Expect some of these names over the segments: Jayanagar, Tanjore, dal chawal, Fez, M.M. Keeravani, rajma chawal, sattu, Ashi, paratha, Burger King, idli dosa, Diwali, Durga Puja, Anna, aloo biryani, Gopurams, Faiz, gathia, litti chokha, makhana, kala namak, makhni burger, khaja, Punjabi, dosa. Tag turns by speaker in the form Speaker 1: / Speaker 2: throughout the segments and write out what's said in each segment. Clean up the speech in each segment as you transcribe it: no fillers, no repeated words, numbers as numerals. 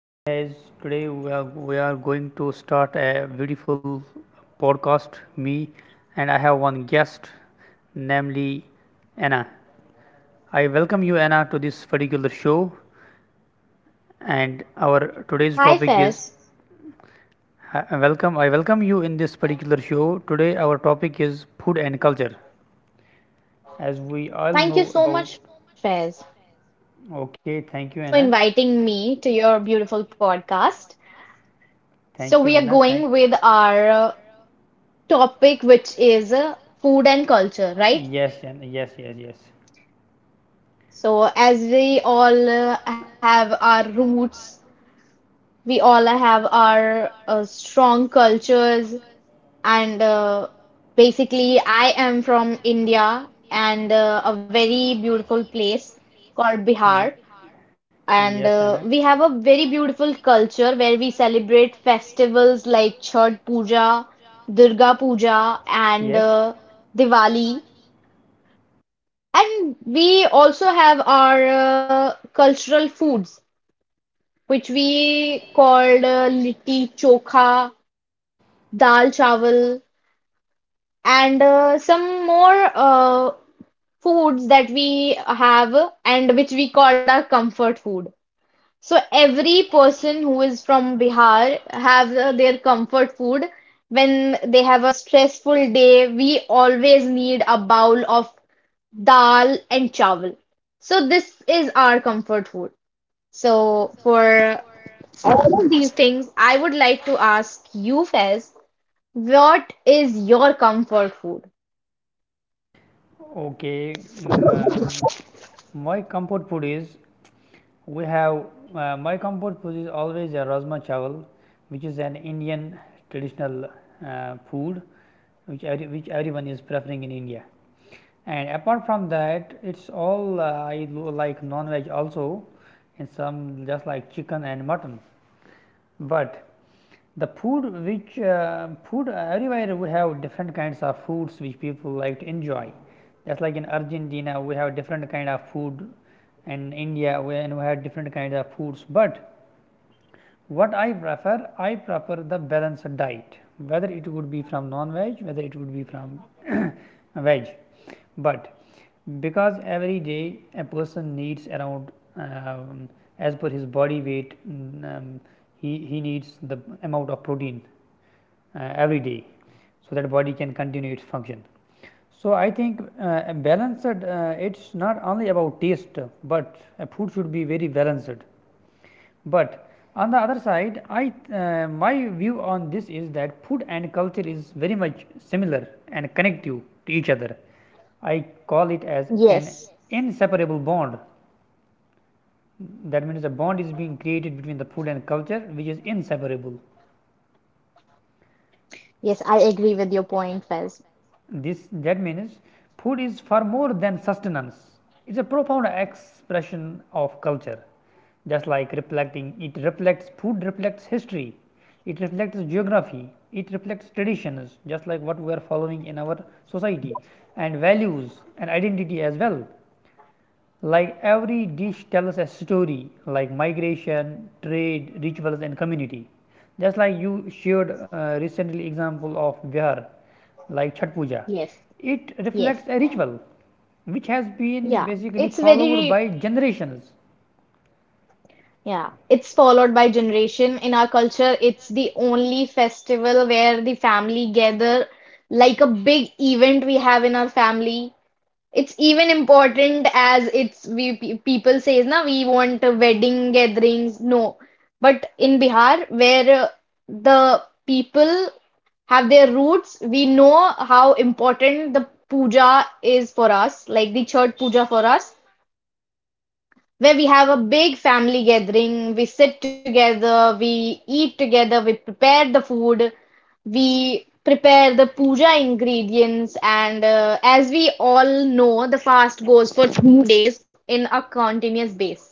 Speaker 1: I'm Fez. Today we are going to start a beautiful podcast, me, and I have one guest, namely Anna. I welcome you, Anna, to this particular show, and our today's
Speaker 2: Hi,
Speaker 1: topic is
Speaker 2: Fez.
Speaker 1: I welcome you in this particular show. Today our topic is food and culture, as we all know
Speaker 2: Thank you
Speaker 1: about.
Speaker 2: so much, Fez,
Speaker 1: Okay, thank you,
Speaker 2: for
Speaker 1: Anna.
Speaker 2: inviting me to your beautiful podcast. So,
Speaker 1: Thank you,
Speaker 2: we are
Speaker 1: Anna. Thank.
Speaker 2: going with our topic, which is food and culture, right?
Speaker 1: Yes, Anna. Yes, yes, yes.
Speaker 2: So, as we all have our roots, we all have our strong cultures, and basically, I am from India and a very beautiful place called
Speaker 1: Ye-
Speaker 2: Bihar.
Speaker 1: yes,
Speaker 2: And
Speaker 1: Anna.
Speaker 2: uh, we have a very beautiful culture where we celebrate festivals like Chhath Puja, Durga Puja, and
Speaker 1: Yes.
Speaker 2: Diwali. And we also have our cultural foods, which we called litti chokha, dal chawal, and some more foods that we have and which we called our comfort food. So every
Speaker 1: Yes.
Speaker 2: person who is from Bihar have their comfort food. When they have a stressful day, we always need a bowl of dal and chawal. So this is our comfort food. So for all of these things, I would like to ask you, Fez, what is your comfort food?
Speaker 1: Okay, my comfort food is we have my comfort food is always a rajma chawal, which is an Indian traditional food which everyone is preferring in India. And apart from that, it's all I like non veg also, and some just like chicken and mutton. But the food which food everywhere, we have different kinds of foods which people like to enjoy. Just like in Argentina, we have different kind of food, and India, we have different kinds of foods. But what I prefer, I prefer the balanced diet, whether it would be from non veg, whether it would be from veg. But because every day a person needs around, um, as per his body weight, he needs the amount of protein every day, so that body can continue its function. So I think a balanced, it's not only about taste, but a food should be very balanced. But on the other side, I my view on this is that food and culture is very much similar and connective to each other. I call it as an
Speaker 2: Yes,
Speaker 1: inseparable bond. That means a bond is being created between the food and culture which is inseparable.
Speaker 2: yes, I agree with your point, Fez.
Speaker 1: This, that means, food is far more than sustenance. It's a profound expression of culture. Just like reflecting, it reflects food reflects history, it reflects geography, it reflects traditions, just like what we are following in our society, and values and identity as well. Like every dish tells a story, like migration, trade, rituals, and community. Just like you shared recently example of Bihar, like Chhat Puja,
Speaker 2: Yes,
Speaker 1: it
Speaker 2: yes.
Speaker 1: reflects a ritual which has been
Speaker 2: Yeah,
Speaker 1: basically
Speaker 2: it's
Speaker 1: followed
Speaker 2: very
Speaker 1: by generations.
Speaker 2: Yeah, it's followed by generation. In our culture, it's the only festival where the family gather, like a big event we have in our family. It's even important as it's we people says na we want a wedding gatherings. No, but in Bihar, where the people have their roots, we know how important the puja is for us, like the church puja for us, where we have a big family gathering. We sit together, we eat together, we prepare the food, we prepare the puja ingredients, and as we all know, the fast goes for 2 days in a continuous base.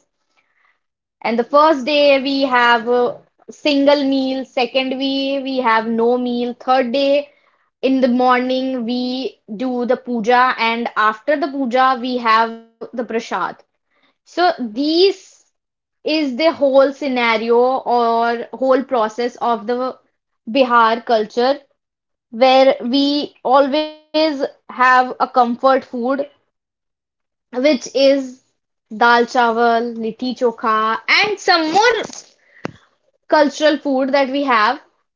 Speaker 2: And the first day we have a single meal, second day we have no meal, third day in the morning we do the puja, and after the puja we have the prasad. So these is the whole scenario or whole process of the Bihar culture where we always have a comfort food which is dal chawal, litti chokha, and some more cultural food that we have.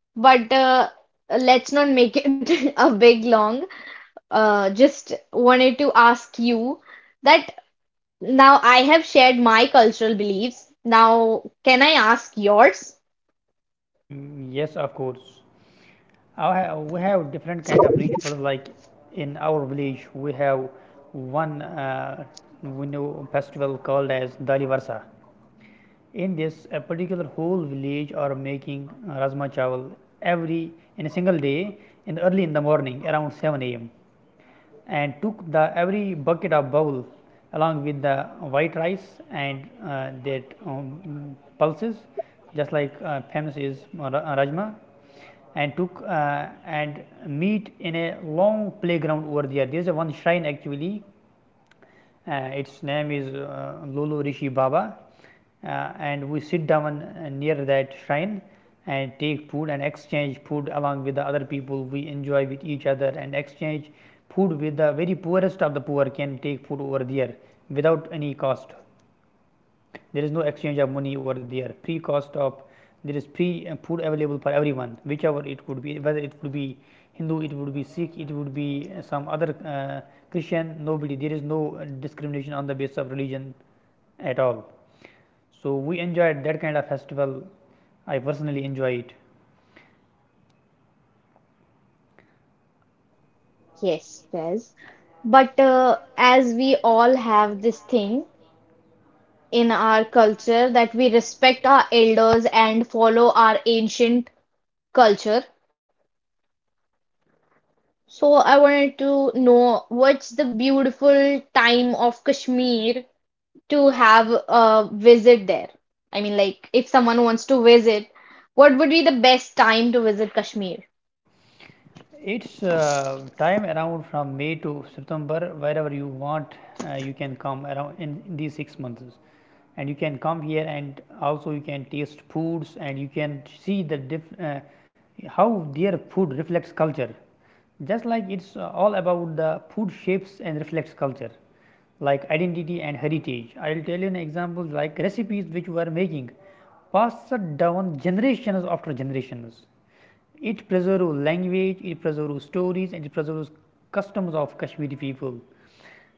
Speaker 2: But let's not make it a big long. Just wanted to ask you that now I have shared my cultural beliefs, now can I ask yours?
Speaker 1: Yes, of course. We have different
Speaker 2: So
Speaker 1: kind of rituals. Like in our village, we have one we know festival called as Dali Varsa. In this, a particular whole village are making rajma chawal every in a single day, in early in the morning around 7 a.m., and took the every bucket of bowl along with the white rice and that pulses, just like famous is rajma, and took and meet in a long playground. Over there, there is a one shrine actually. Its name is lolo rishi baba. And we sit down near that shrine and take food and exchange food along with the other people. We enjoy with each other and exchange food with the very poorest of the poor. Can take food over there without any cost. There is no exchange of money over there. Free cost of, there is free food available for everyone, whichever it could be, whether it could be Hindu, it would be Sikh, it would be some other Christian. Nobody, there is no discrimination on the basis of religion at all. So we enjoyed that kind of festival. I personally enjoy it.
Speaker 2: Yes, Faiz. But as we all have this thing in our culture that we respect our elders and follow our ancient culture. So I wanted to know what's the beautiful time of Kashmir to have a visit there? I mean, like if someone wants to visit, what would be the best time to visit Kashmir?
Speaker 1: It's time around from May to September. Wherever you want, you can come around in these 6 months. And you can come here, and also you can taste foods, and you can see the how their food reflects culture. Just like it's all about the food shapes and reflects culture, like identity and heritage. I'll tell you an example, like recipes which we are making, passed down generations after generations. It preserves language, it preserves stories, and it preserves customs of Kashmiri people.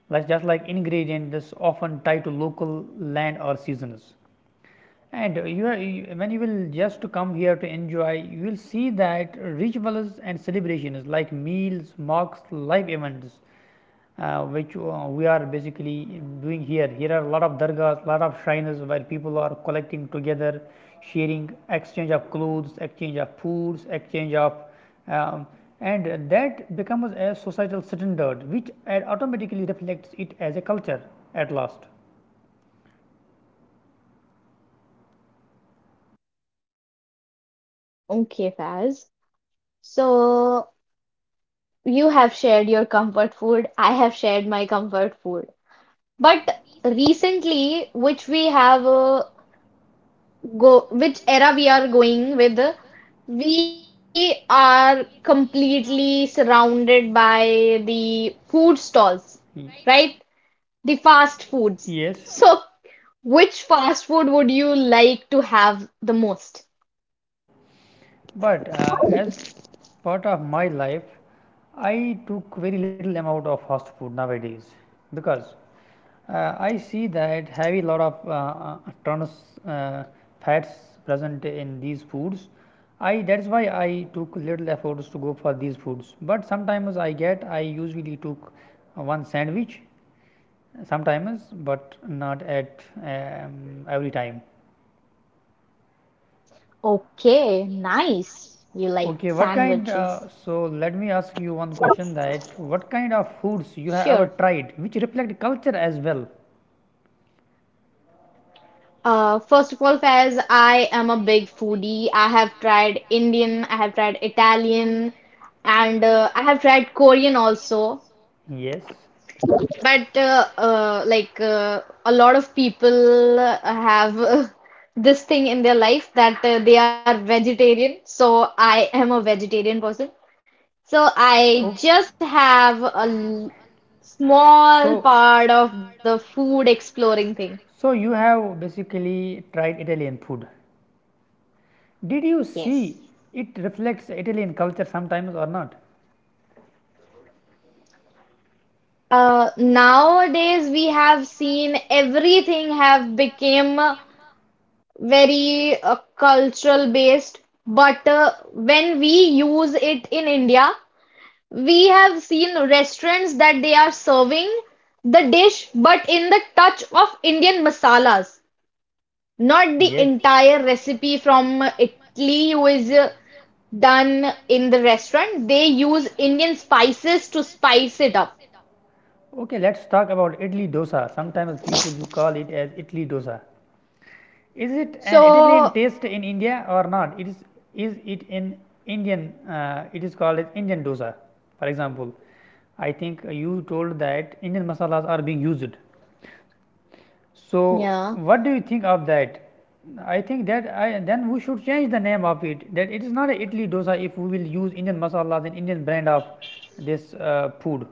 Speaker 1: Like, just like ingredients that's often tied to local land or seasons. And you, when you will just come here to enjoy, you will see that rituals and celebrations like meals, mocks, live events which we are basically doing here. Here are a lot of dargahs, lot of shrines where people are collecting together, sharing exchange of clothes, exchange of foods, exchange of um, and that becomes a societal standard which automatically reflects it as a culture at last.
Speaker 2: Okay, Faz. So you have shared your comfort food. I have shared my comfort food. But recently, which era we are going with, we are completely surrounded by the food stalls,
Speaker 1: Right?
Speaker 2: right? The fast foods.
Speaker 1: Yes,
Speaker 2: So, which fast food would you like to have the most?
Speaker 1: but as part of my life, I took very little amount of fast food nowadays because I see that heavy lot of trans uh, fats present in these foods. I, that's why I took little efforts to go for these foods. But sometimes I get, I usually took one sandwich sometimes, but not at um, every time.
Speaker 2: Okay, nice. You like
Speaker 1: Okay, what kind?
Speaker 2: sandwiches.
Speaker 1: So let me ask you one question: that what kind of foods you have ever
Speaker 2: Sure.
Speaker 1: tried, which reflect culture as well?
Speaker 2: First of all, Faiz, I am a big foodie. I have tried Indian, I have tried Italian, and I have tried Korean also.
Speaker 1: Yes.
Speaker 2: But like a lot of people have this thing in their life that they are vegetarian. So I am a vegetarian person. So I
Speaker 1: Oh.
Speaker 2: just have a small
Speaker 1: So,
Speaker 2: part of the food exploring thing.
Speaker 1: so you plan, have basically tried Italian food. Did you see,
Speaker 2: Yes.
Speaker 1: yes, it reflects Italian culture sometimes or not? Not
Speaker 2: Nowadays, we have seen everything have become very cultural based. But when we use it in india, we have seen restaurants that they are serving the dish, but in the touch of Indian masalas, not the
Speaker 1: yes.
Speaker 2: entire recipe from italy, who is done in the restaurant. They use Indian spices to spice it up.
Speaker 1: Okay, let's talk about idli dosa. Sometimes people you call it as idli dosa. Is it an Italian
Speaker 2: So
Speaker 1: taste in India or not? It is it an Indian? It is called as Indian dosa. For example, I think you told that Indian masalas are being used. So
Speaker 2: yeah.
Speaker 1: what do you think of that? I think that I, then we should change the name of it. That it is not a Italy dosa if we will use Indian masalas and Indian brand of this food.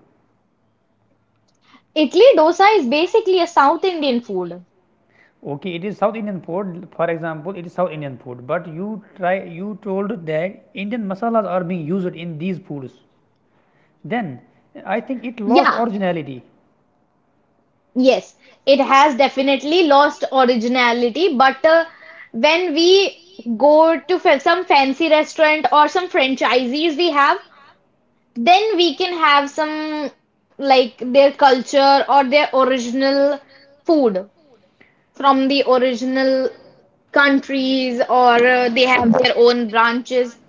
Speaker 2: Idli dosa is basically a South Indian food.
Speaker 1: Okay, it is South Indian food. For example, it is South Indian food. But you try, you told that Indian masalas are being used in these foods. Then I think it
Speaker 2: Yeah,
Speaker 1: lost originality.
Speaker 2: yes, it has definitely lost originality, but when we go to some fancy restaurant or some franchisees we have, then we can have some like their culture or their original food from the original countries, or they have their own branches.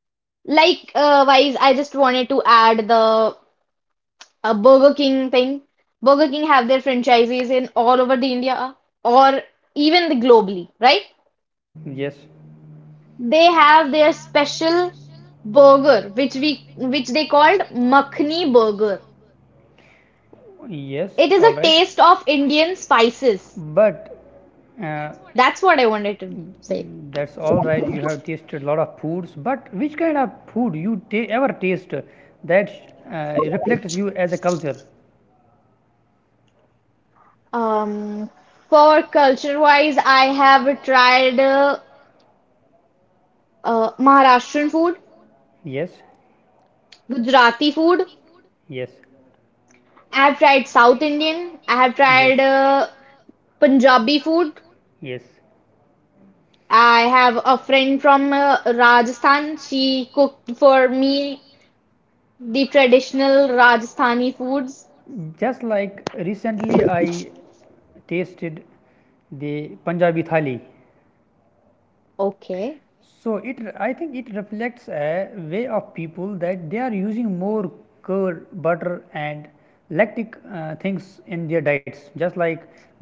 Speaker 2: Like, wise, I just wanted to add the a Burger King thing. Burger King have their franchises in all over the India, or even the globally, right?
Speaker 1: Yes,
Speaker 2: They have their special burger which they called makhni burger.
Speaker 1: yes,
Speaker 2: It is
Speaker 1: all
Speaker 2: a
Speaker 1: right.
Speaker 2: taste of Indian spices.
Speaker 1: But uh,
Speaker 2: That's what I wanted to say.
Speaker 1: that's all right. You have tasted a lot of foods. But which kind of food you ever taste that reflects you as a culture?
Speaker 2: Um, for culture wise, I have tried Maharashtrian food,
Speaker 1: Yes,
Speaker 2: Gujarati food.
Speaker 1: yes,
Speaker 2: I have tried South Indian. I have
Speaker 1: yes.
Speaker 2: tried Punjabi food.
Speaker 1: Yes.
Speaker 2: I have a friend from Rajasthan. She cooked for me the traditional Rajasthani foods.
Speaker 1: Just like recently I tasted the Punjabi thali.
Speaker 2: Okay.
Speaker 1: So it, I think it reflects a way of people that they are using more curd, butter and lactic things in their diets, just like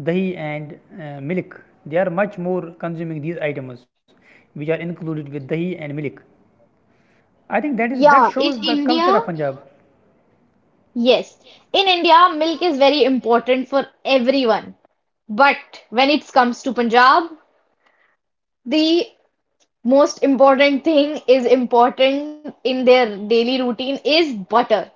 Speaker 1: dahi and milk. They are much more consuming these items which are included with dahi and milk. I think that is, that
Speaker 2: Yeah, in
Speaker 1: shows the culture
Speaker 2: India,
Speaker 1: of Punjab.
Speaker 2: yes. In India, milk is very important for everyone. But when it comes to Punjab, the most important thing is important in their daily routine is butter.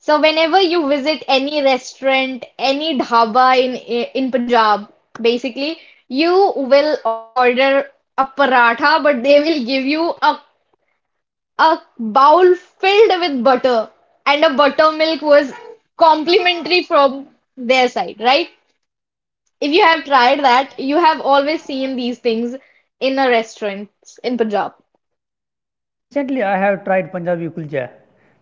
Speaker 2: So whenever you visit any restaurant, any dhaba in Punjab, basically, you will order a paratha, but they will give you a a bowl filled with butter, and a buttermilk was complimentary from their side, right? If you have tried that, you have always seen these things in a restaurant in Punjab.
Speaker 1: Recently, I have tried Punjabi kulcha,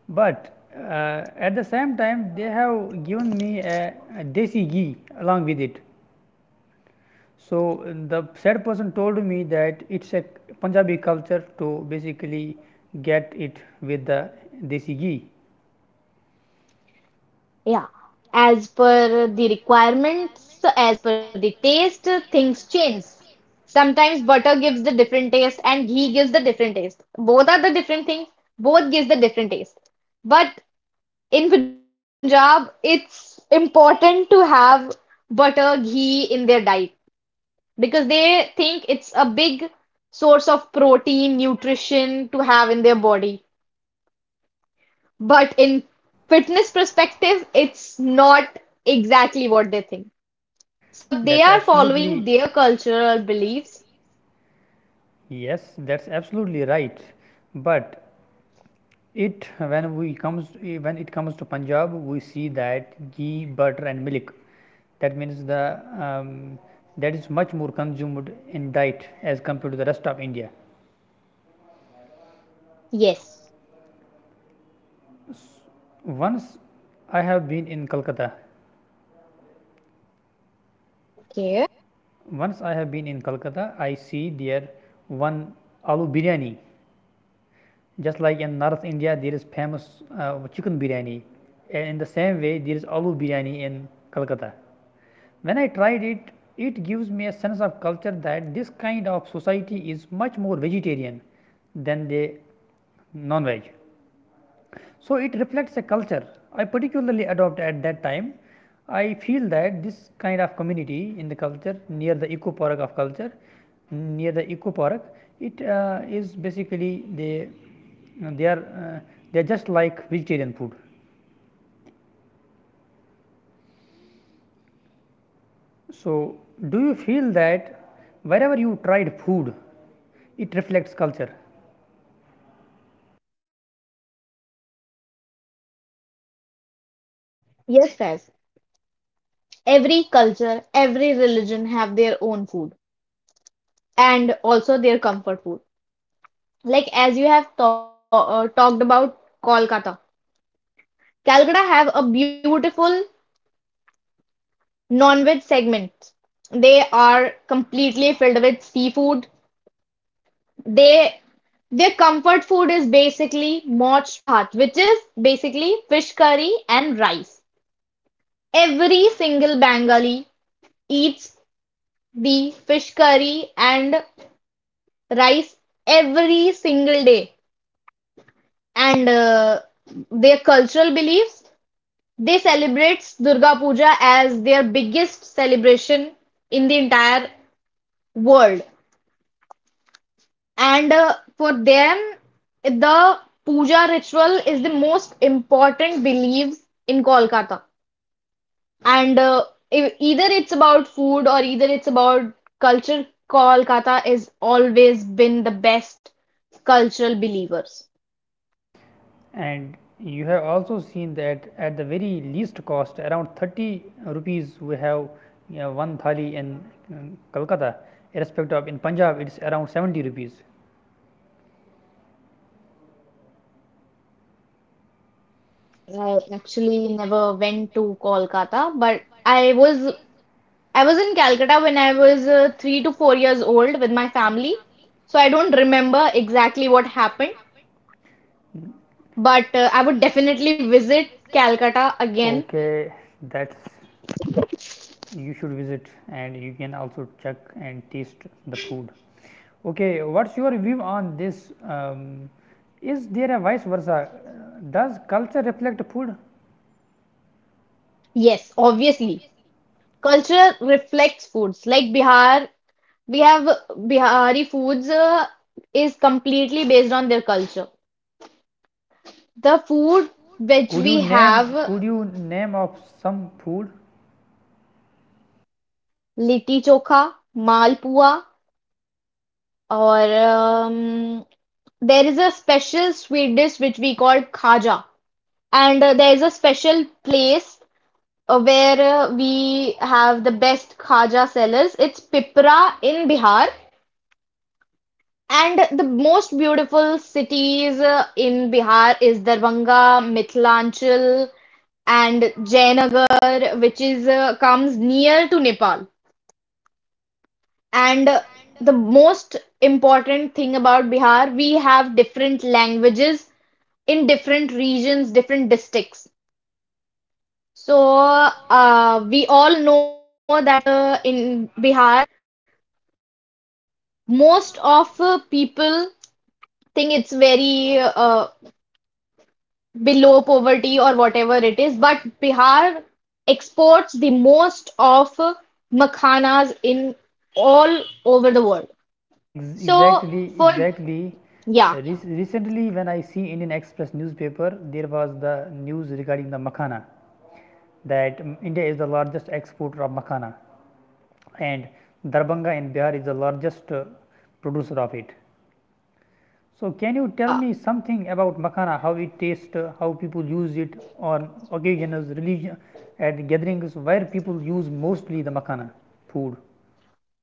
Speaker 1: but at the same time, they have given me a desi ghee along with it. So, the said person told me that it's a Punjabi culture to basically get it with the desi ghee.
Speaker 2: Yeah, as per the requirements, as per the taste, things change. Sometimes butter gives the different taste and ghee gives the different taste. Both are the different things, both gives the different taste. But in Punjab, it's important to have butter, ghee in their diet because they think it's a big source of protein, nutrition to have in their body. But in fitness perspective, it's not exactly what they think. So they
Speaker 1: That's
Speaker 2: are following
Speaker 1: absolutely,
Speaker 2: their cultural beliefs.
Speaker 1: yes, that's absolutely right. But it, when it comes to Punjab, we see that ghee, butter, and milk. That means the, that is much more consumed in diet as compared to the rest of India.
Speaker 2: Yes.
Speaker 1: Once I have been in Calcutta.
Speaker 2: Okay.
Speaker 1: Once I have been in Calcutta, I see there one aloo biryani. Just like in North India, there is famous chicken biryani, and in the same way, there is aloo biryani in Calcutta. When I tried it, it gives me a sense of culture that this kind of society is much more vegetarian than the non-veg. So, it reflects a culture I particularly adopt at that time. I feel that this kind of community in the culture near the eco park of culture, near the eco park, it is basically they are they are just like vegetarian food. So, do you feel that wherever you tried food, it reflects culture?
Speaker 2: Yes, Faz. Every culture, every religion have their own food and also their comfort food. Like as you have talked about kolkata Calcutta have a beautiful non-veg segment. They are completely filled with seafood, They Their comfort food is basically moch bhat, which is basically fish curry and rice. Every single Bengali eats the fish curry and rice every single day. And their cultural beliefs, they celebrate Durga Puja as their biggest celebration in the entire world. And for them, the puja ritual is the most important beliefs in Kolkata. And either it's about food or either it's about culture, Kolkata has always been the best cultural believers.
Speaker 1: And you have also seen that at the very least cost around 30 rupees we have, you know, one thali in Calcutta, irrespective of in Punjab it is around 70 rupees.
Speaker 2: I actually never went to Kolkata, but I was in Calcutta when I was 3 to 4 years old with my family, so I don't remember exactly what happened. But I would definitely visit Calcutta again.
Speaker 1: Okay, that's, you should visit, and you can also check and taste the food. Okay, what's your view on this? Um, is there a vice versa? Does culture reflect food?
Speaker 2: Yes, obviously. Culture reflects foods. Like Bihar, we have Bihari foods is completely based on their culture. The food which we have,
Speaker 1: Could you name of some food?
Speaker 2: litti chokha, malpua, or there is a special sweet dish which we call khaja. And there is a special place where we have the best khaja sellers. It's Pipra in Bihar. And the most beautiful cities in Bihar is Darbhanga, Mithilanchal, and Jayanagar, which is comes near to Nepal. And the most important thing about Bihar, we have different languages in different regions, different districts. So we all know that in Bihar, most of people think it's very below poverty or whatever it is, but Bihar exports the most of makhanas in all over the world.
Speaker 1: Ex-
Speaker 2: So
Speaker 1: exactly,
Speaker 2: for
Speaker 1: exactly.
Speaker 2: Yeah,
Speaker 1: Recently, when I see Indian Express newspaper, there was the news regarding the makhana, that India is the largest exporter of makhana, and Darbhanga in Bihar is the largest producer of it. So, can you tell
Speaker 2: yeah.
Speaker 1: me something about makhana? How it tastes, how people use it on occasions, religion, at gatherings, where people use mostly the makhana food.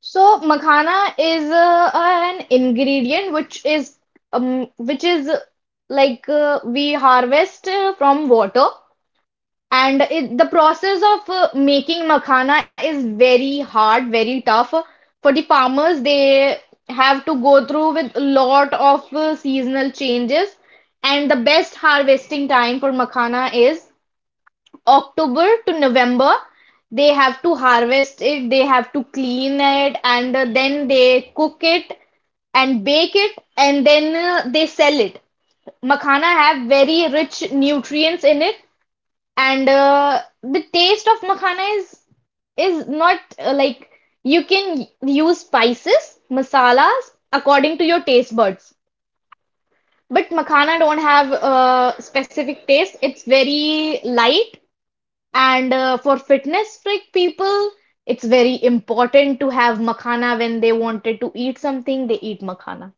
Speaker 2: So makhana is an ingredient which is like, we harvest from water. And the process of making makhana is very hard, very tough. For the farmers, they have to go through with a lot of seasonal changes. And the best harvesting time for makhana is October to November. They have to harvest it, they have to clean it, and then they cook it and bake it, and then they sell it. Makhana have very rich nutrients in it, and the taste of makhana is not like, you can use spices masalas according to your taste buds, but makhana don't have a specific taste. It's very light, and for fitness freak people, it's very important to have makhana. When they wanted to eat something, they eat makhana.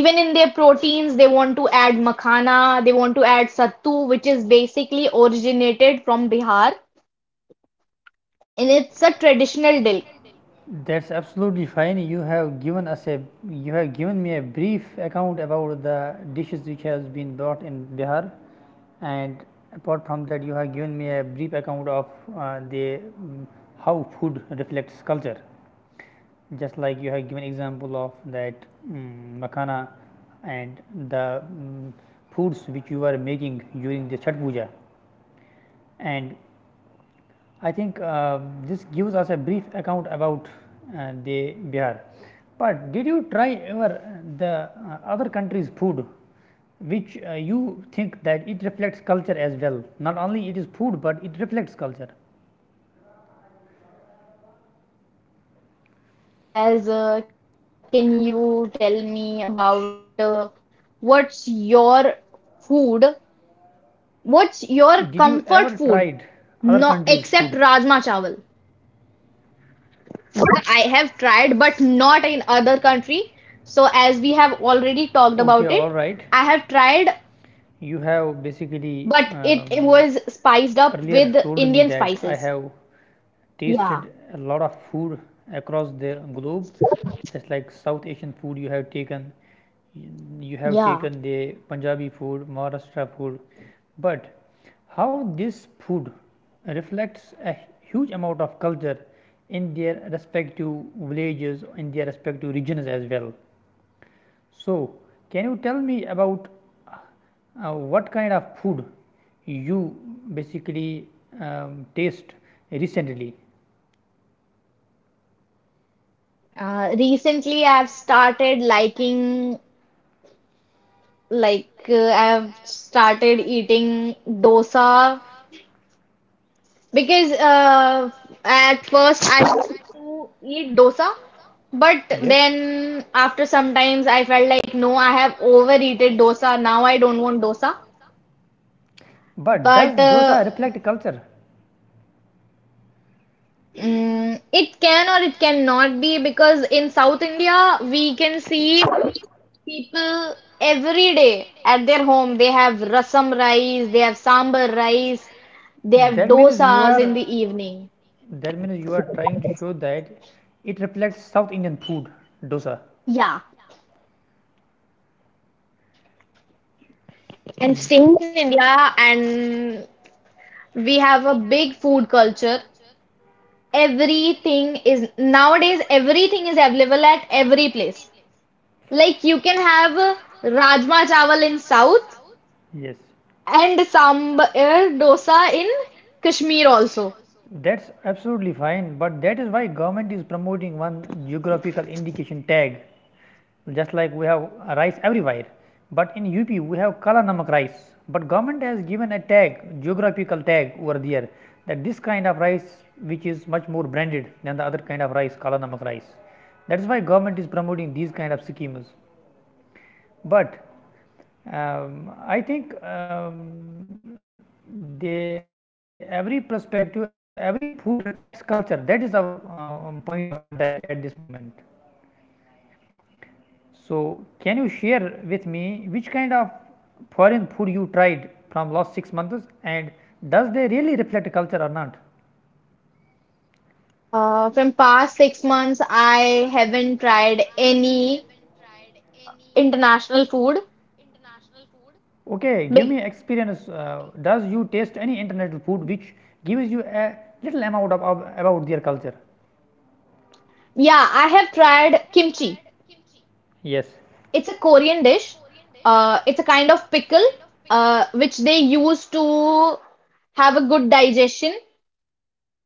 Speaker 2: Even in their proteins, they want to add makhana. They want to add sattu, which is basically originated from Bihar. And it's a traditional dill.
Speaker 1: That's absolutely fine. You have given us a, you have given me a brief account about the dishes which has been brought in Bihar, and apart from that, you have given me a brief account of uh, the mm, how food reflects culture. Just like you have given example of that makhana and the foods which you are making during the Chhat Puja, and I think this gives us a brief account about the Bihar. But did you try ever the other country's food, which you think that it reflects culture as well? Not only it is food, but it reflects culture.
Speaker 2: Faiz, can you tell me about what's your food? What's your comfort food?
Speaker 1: Did you ever
Speaker 2: No,
Speaker 1: tried
Speaker 2: except
Speaker 1: other
Speaker 2: rajma
Speaker 1: countries'
Speaker 2: chawal.
Speaker 1: food?
Speaker 2: That I have tried, but not in other country. So as we have already talked about it, I
Speaker 1: Okay, all
Speaker 2: have
Speaker 1: right.
Speaker 2: tried,
Speaker 1: You have
Speaker 2: but it
Speaker 1: basically
Speaker 2: was spiced up with
Speaker 1: earlier
Speaker 2: Indian
Speaker 1: told me
Speaker 2: spices.
Speaker 1: that I have
Speaker 2: Yeah.
Speaker 1: tasted a lot of food across the globe, just like South Asian food you have taken
Speaker 2: Yeah.
Speaker 1: the Punjabi food, Maharashtra food, but how this food reflects a huge amount of culture in their respective villages, in their respective regions as well. So, can you tell me about what kind of food you basically taste recently?
Speaker 2: Recently, I've started liking like, I've started eating dosa because at first I used to eat dosa, but
Speaker 1: Yes,
Speaker 2: then after some times I felt like no,
Speaker 1: sometimes.
Speaker 2: I have overeaten dosa. Now I don't want dosa.
Speaker 1: But does
Speaker 2: But
Speaker 1: dosa
Speaker 2: uh,
Speaker 1: reflect culture?
Speaker 2: mm, it can or it cannot be because in South India we can see people every day at their home, they have rasam rice, they have sambar rice, they have
Speaker 1: That means you
Speaker 2: dosas in
Speaker 1: are
Speaker 2: the evening.
Speaker 1: that means you are trying to show that it reflects South Indian food, dosa.
Speaker 2: Yeah. And
Speaker 1: Mm.
Speaker 2: staying in India, and we have a big food culture. Everything is Nowadays, everything is available at every place. Like you can have rajma chawal in South,
Speaker 1: Yes.
Speaker 2: and sambar dosa in Kashmir also.
Speaker 1: That's absolutely fine, but that is why government is promoting one geographical indication tag. Just like we have rice everywhere, but in UP we have kala namak rice. But government has given a tag, geographical tag over there, that this kind of rice, which is much more branded than the other kind of rice, kala namak rice. That is why government is promoting these kind of schemes. But I think the every perspective, every food reflects culture. That is our point of contact at this moment. So, can you share with me which kind of foreign food you tried from last 6 months, and does they really reflect culture or not?
Speaker 2: From past 6 months, I haven't tried any international food.
Speaker 1: Okay, give me experience.
Speaker 2: Big,
Speaker 1: Does you taste any international food which gives you a little amount of about their culture?
Speaker 2: yeah, I have tried kimchi.
Speaker 1: Yes.
Speaker 2: It's a Korean dish. It's a kind of pickle, which they use to have a good digestion.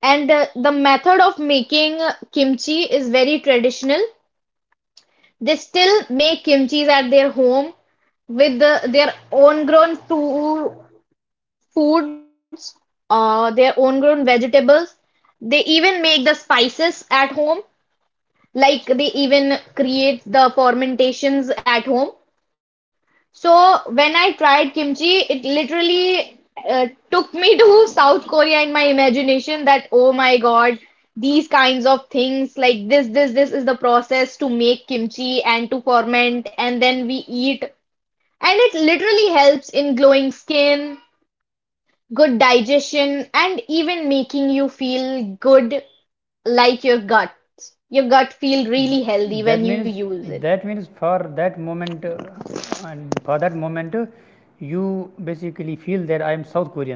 Speaker 2: And the method of making kimchi is very traditional. They still make kimchis at their home with their own grown fruit foods, their own grown vegetables. They even make the spices at home, like they even create the fermentations at home. So when I tried kimchi, it literally took me to South Korea in my imagination that oh my God, these kinds of things like this is the process to make kimchi and to ferment, and then we eat. And it literally helps in glowing skin, good digestion, and even making you feel good, like your gut. Your gut feel really
Speaker 1: that
Speaker 2: healthy
Speaker 1: means
Speaker 2: when you use
Speaker 1: that
Speaker 2: it.
Speaker 1: means for that moment you basically feel that I am South Korean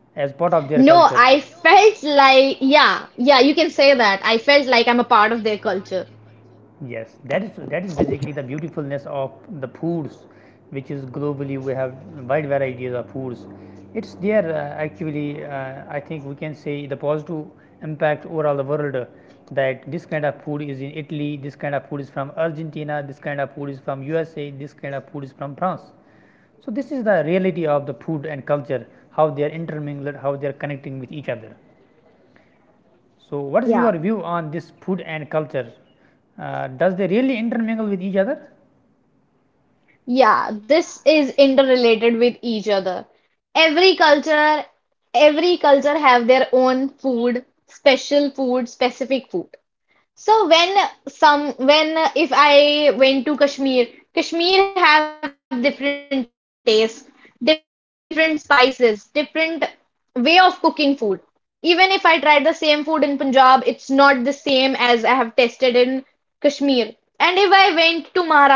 Speaker 1: as part of their culture.
Speaker 2: No, I felt like, yeah, yeah, you can say that. I felt like I'm a part of their culture.
Speaker 1: Yes, that is basically the beautifulness of the foods, which is globally we have wide varieties of foods. It's there actually. I think we can say the positive impact overall the world, that this kind of food is in Italy, this kind of food is from Argentina, this kind of food is from USA, this kind of food is from France. So this is the reality of the food and culture, how they are intermingled, how they are connecting with each other. So, what is
Speaker 2: Yeah,
Speaker 1: your view on this food and culture? Does they really intermingle with each other?
Speaker 2: yeah, this is interrelated with each other. Every culture, every culture have their own food, special food, specific food. So when if I went to Kashmir, Kashmir have different tastes, different spices, different way of cooking food. Even if I tried the same food in Punjab, it's not the same as I have tasted in Kashmir. And if I went to Maharashtra,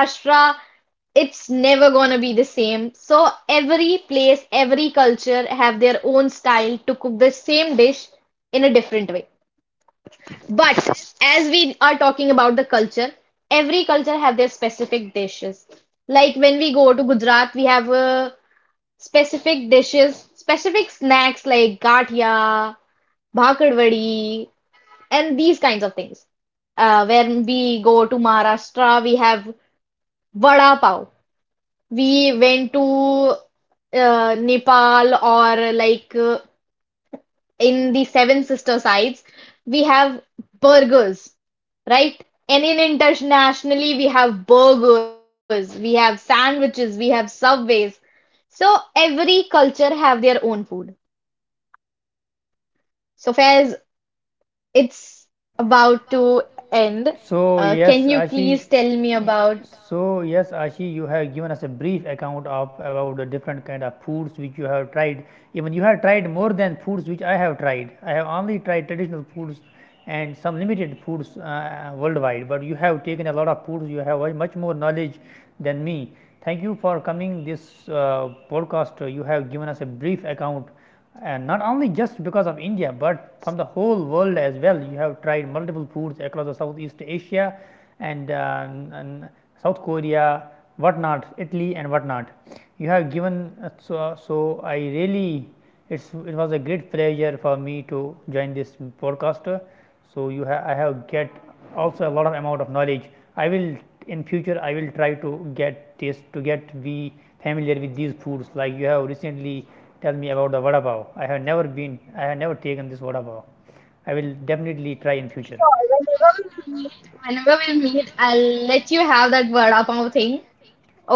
Speaker 2: it's never gonna be the same. So every place, every culture have their own style to cook the same dish in a different way. But as we are talking about the culture, every culture have their specific dishes. Like when we go to Gujarat, we have specific dishes, specific snacks like gathia, bhakarwadi, and these kinds of things. When we go to Maharashtra, we have vada pav. We went to Nepal, or like in the Seven Sister sites, we have burgers, right? And in internationally, we have burgers, we have sandwiches, we have subways. So every culture have their own food. So Faiz, it's about to end.
Speaker 1: So,
Speaker 2: Can
Speaker 1: yes,
Speaker 2: you please
Speaker 1: Ashi.
Speaker 2: tell me about?
Speaker 1: You have given us a brief account of about the different kind of foods which you have tried. Even you have tried more than foods which I have tried. I have only tried traditional foods and some limited foods, worldwide. But you have taken a lot of foods. You have much more knowledge than me. Thank you for coming this podcast. You have given us a brief account, and not only just because of India, but from the whole world as well. You have tried multiple foods across the Southeast Asia and, and South Korea, whatnot, Italy, and whatnot. You have given so I really, it was a great pleasure for me to join this podcast. So you have I have get also a lot of amount of knowledge. I will in future I will try to get this to get be familiar with these foods. Like you have recently tell me about the vada pav. I have never taken this vada pav. I will definitely try in
Speaker 2: Sure,
Speaker 1: future.
Speaker 2: we meet, whenever we meet, I'll let you have that vada pav thing.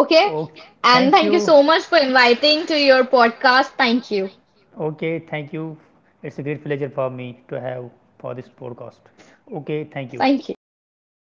Speaker 2: Okay?
Speaker 1: Okay,
Speaker 2: And
Speaker 1: thank
Speaker 2: thank you
Speaker 1: you.
Speaker 2: so much for inviting to your podcast. Thank you.
Speaker 1: Okay, thank you. It's a great pleasure for me to have for this podcast. Okay, thank you.
Speaker 2: Thank you.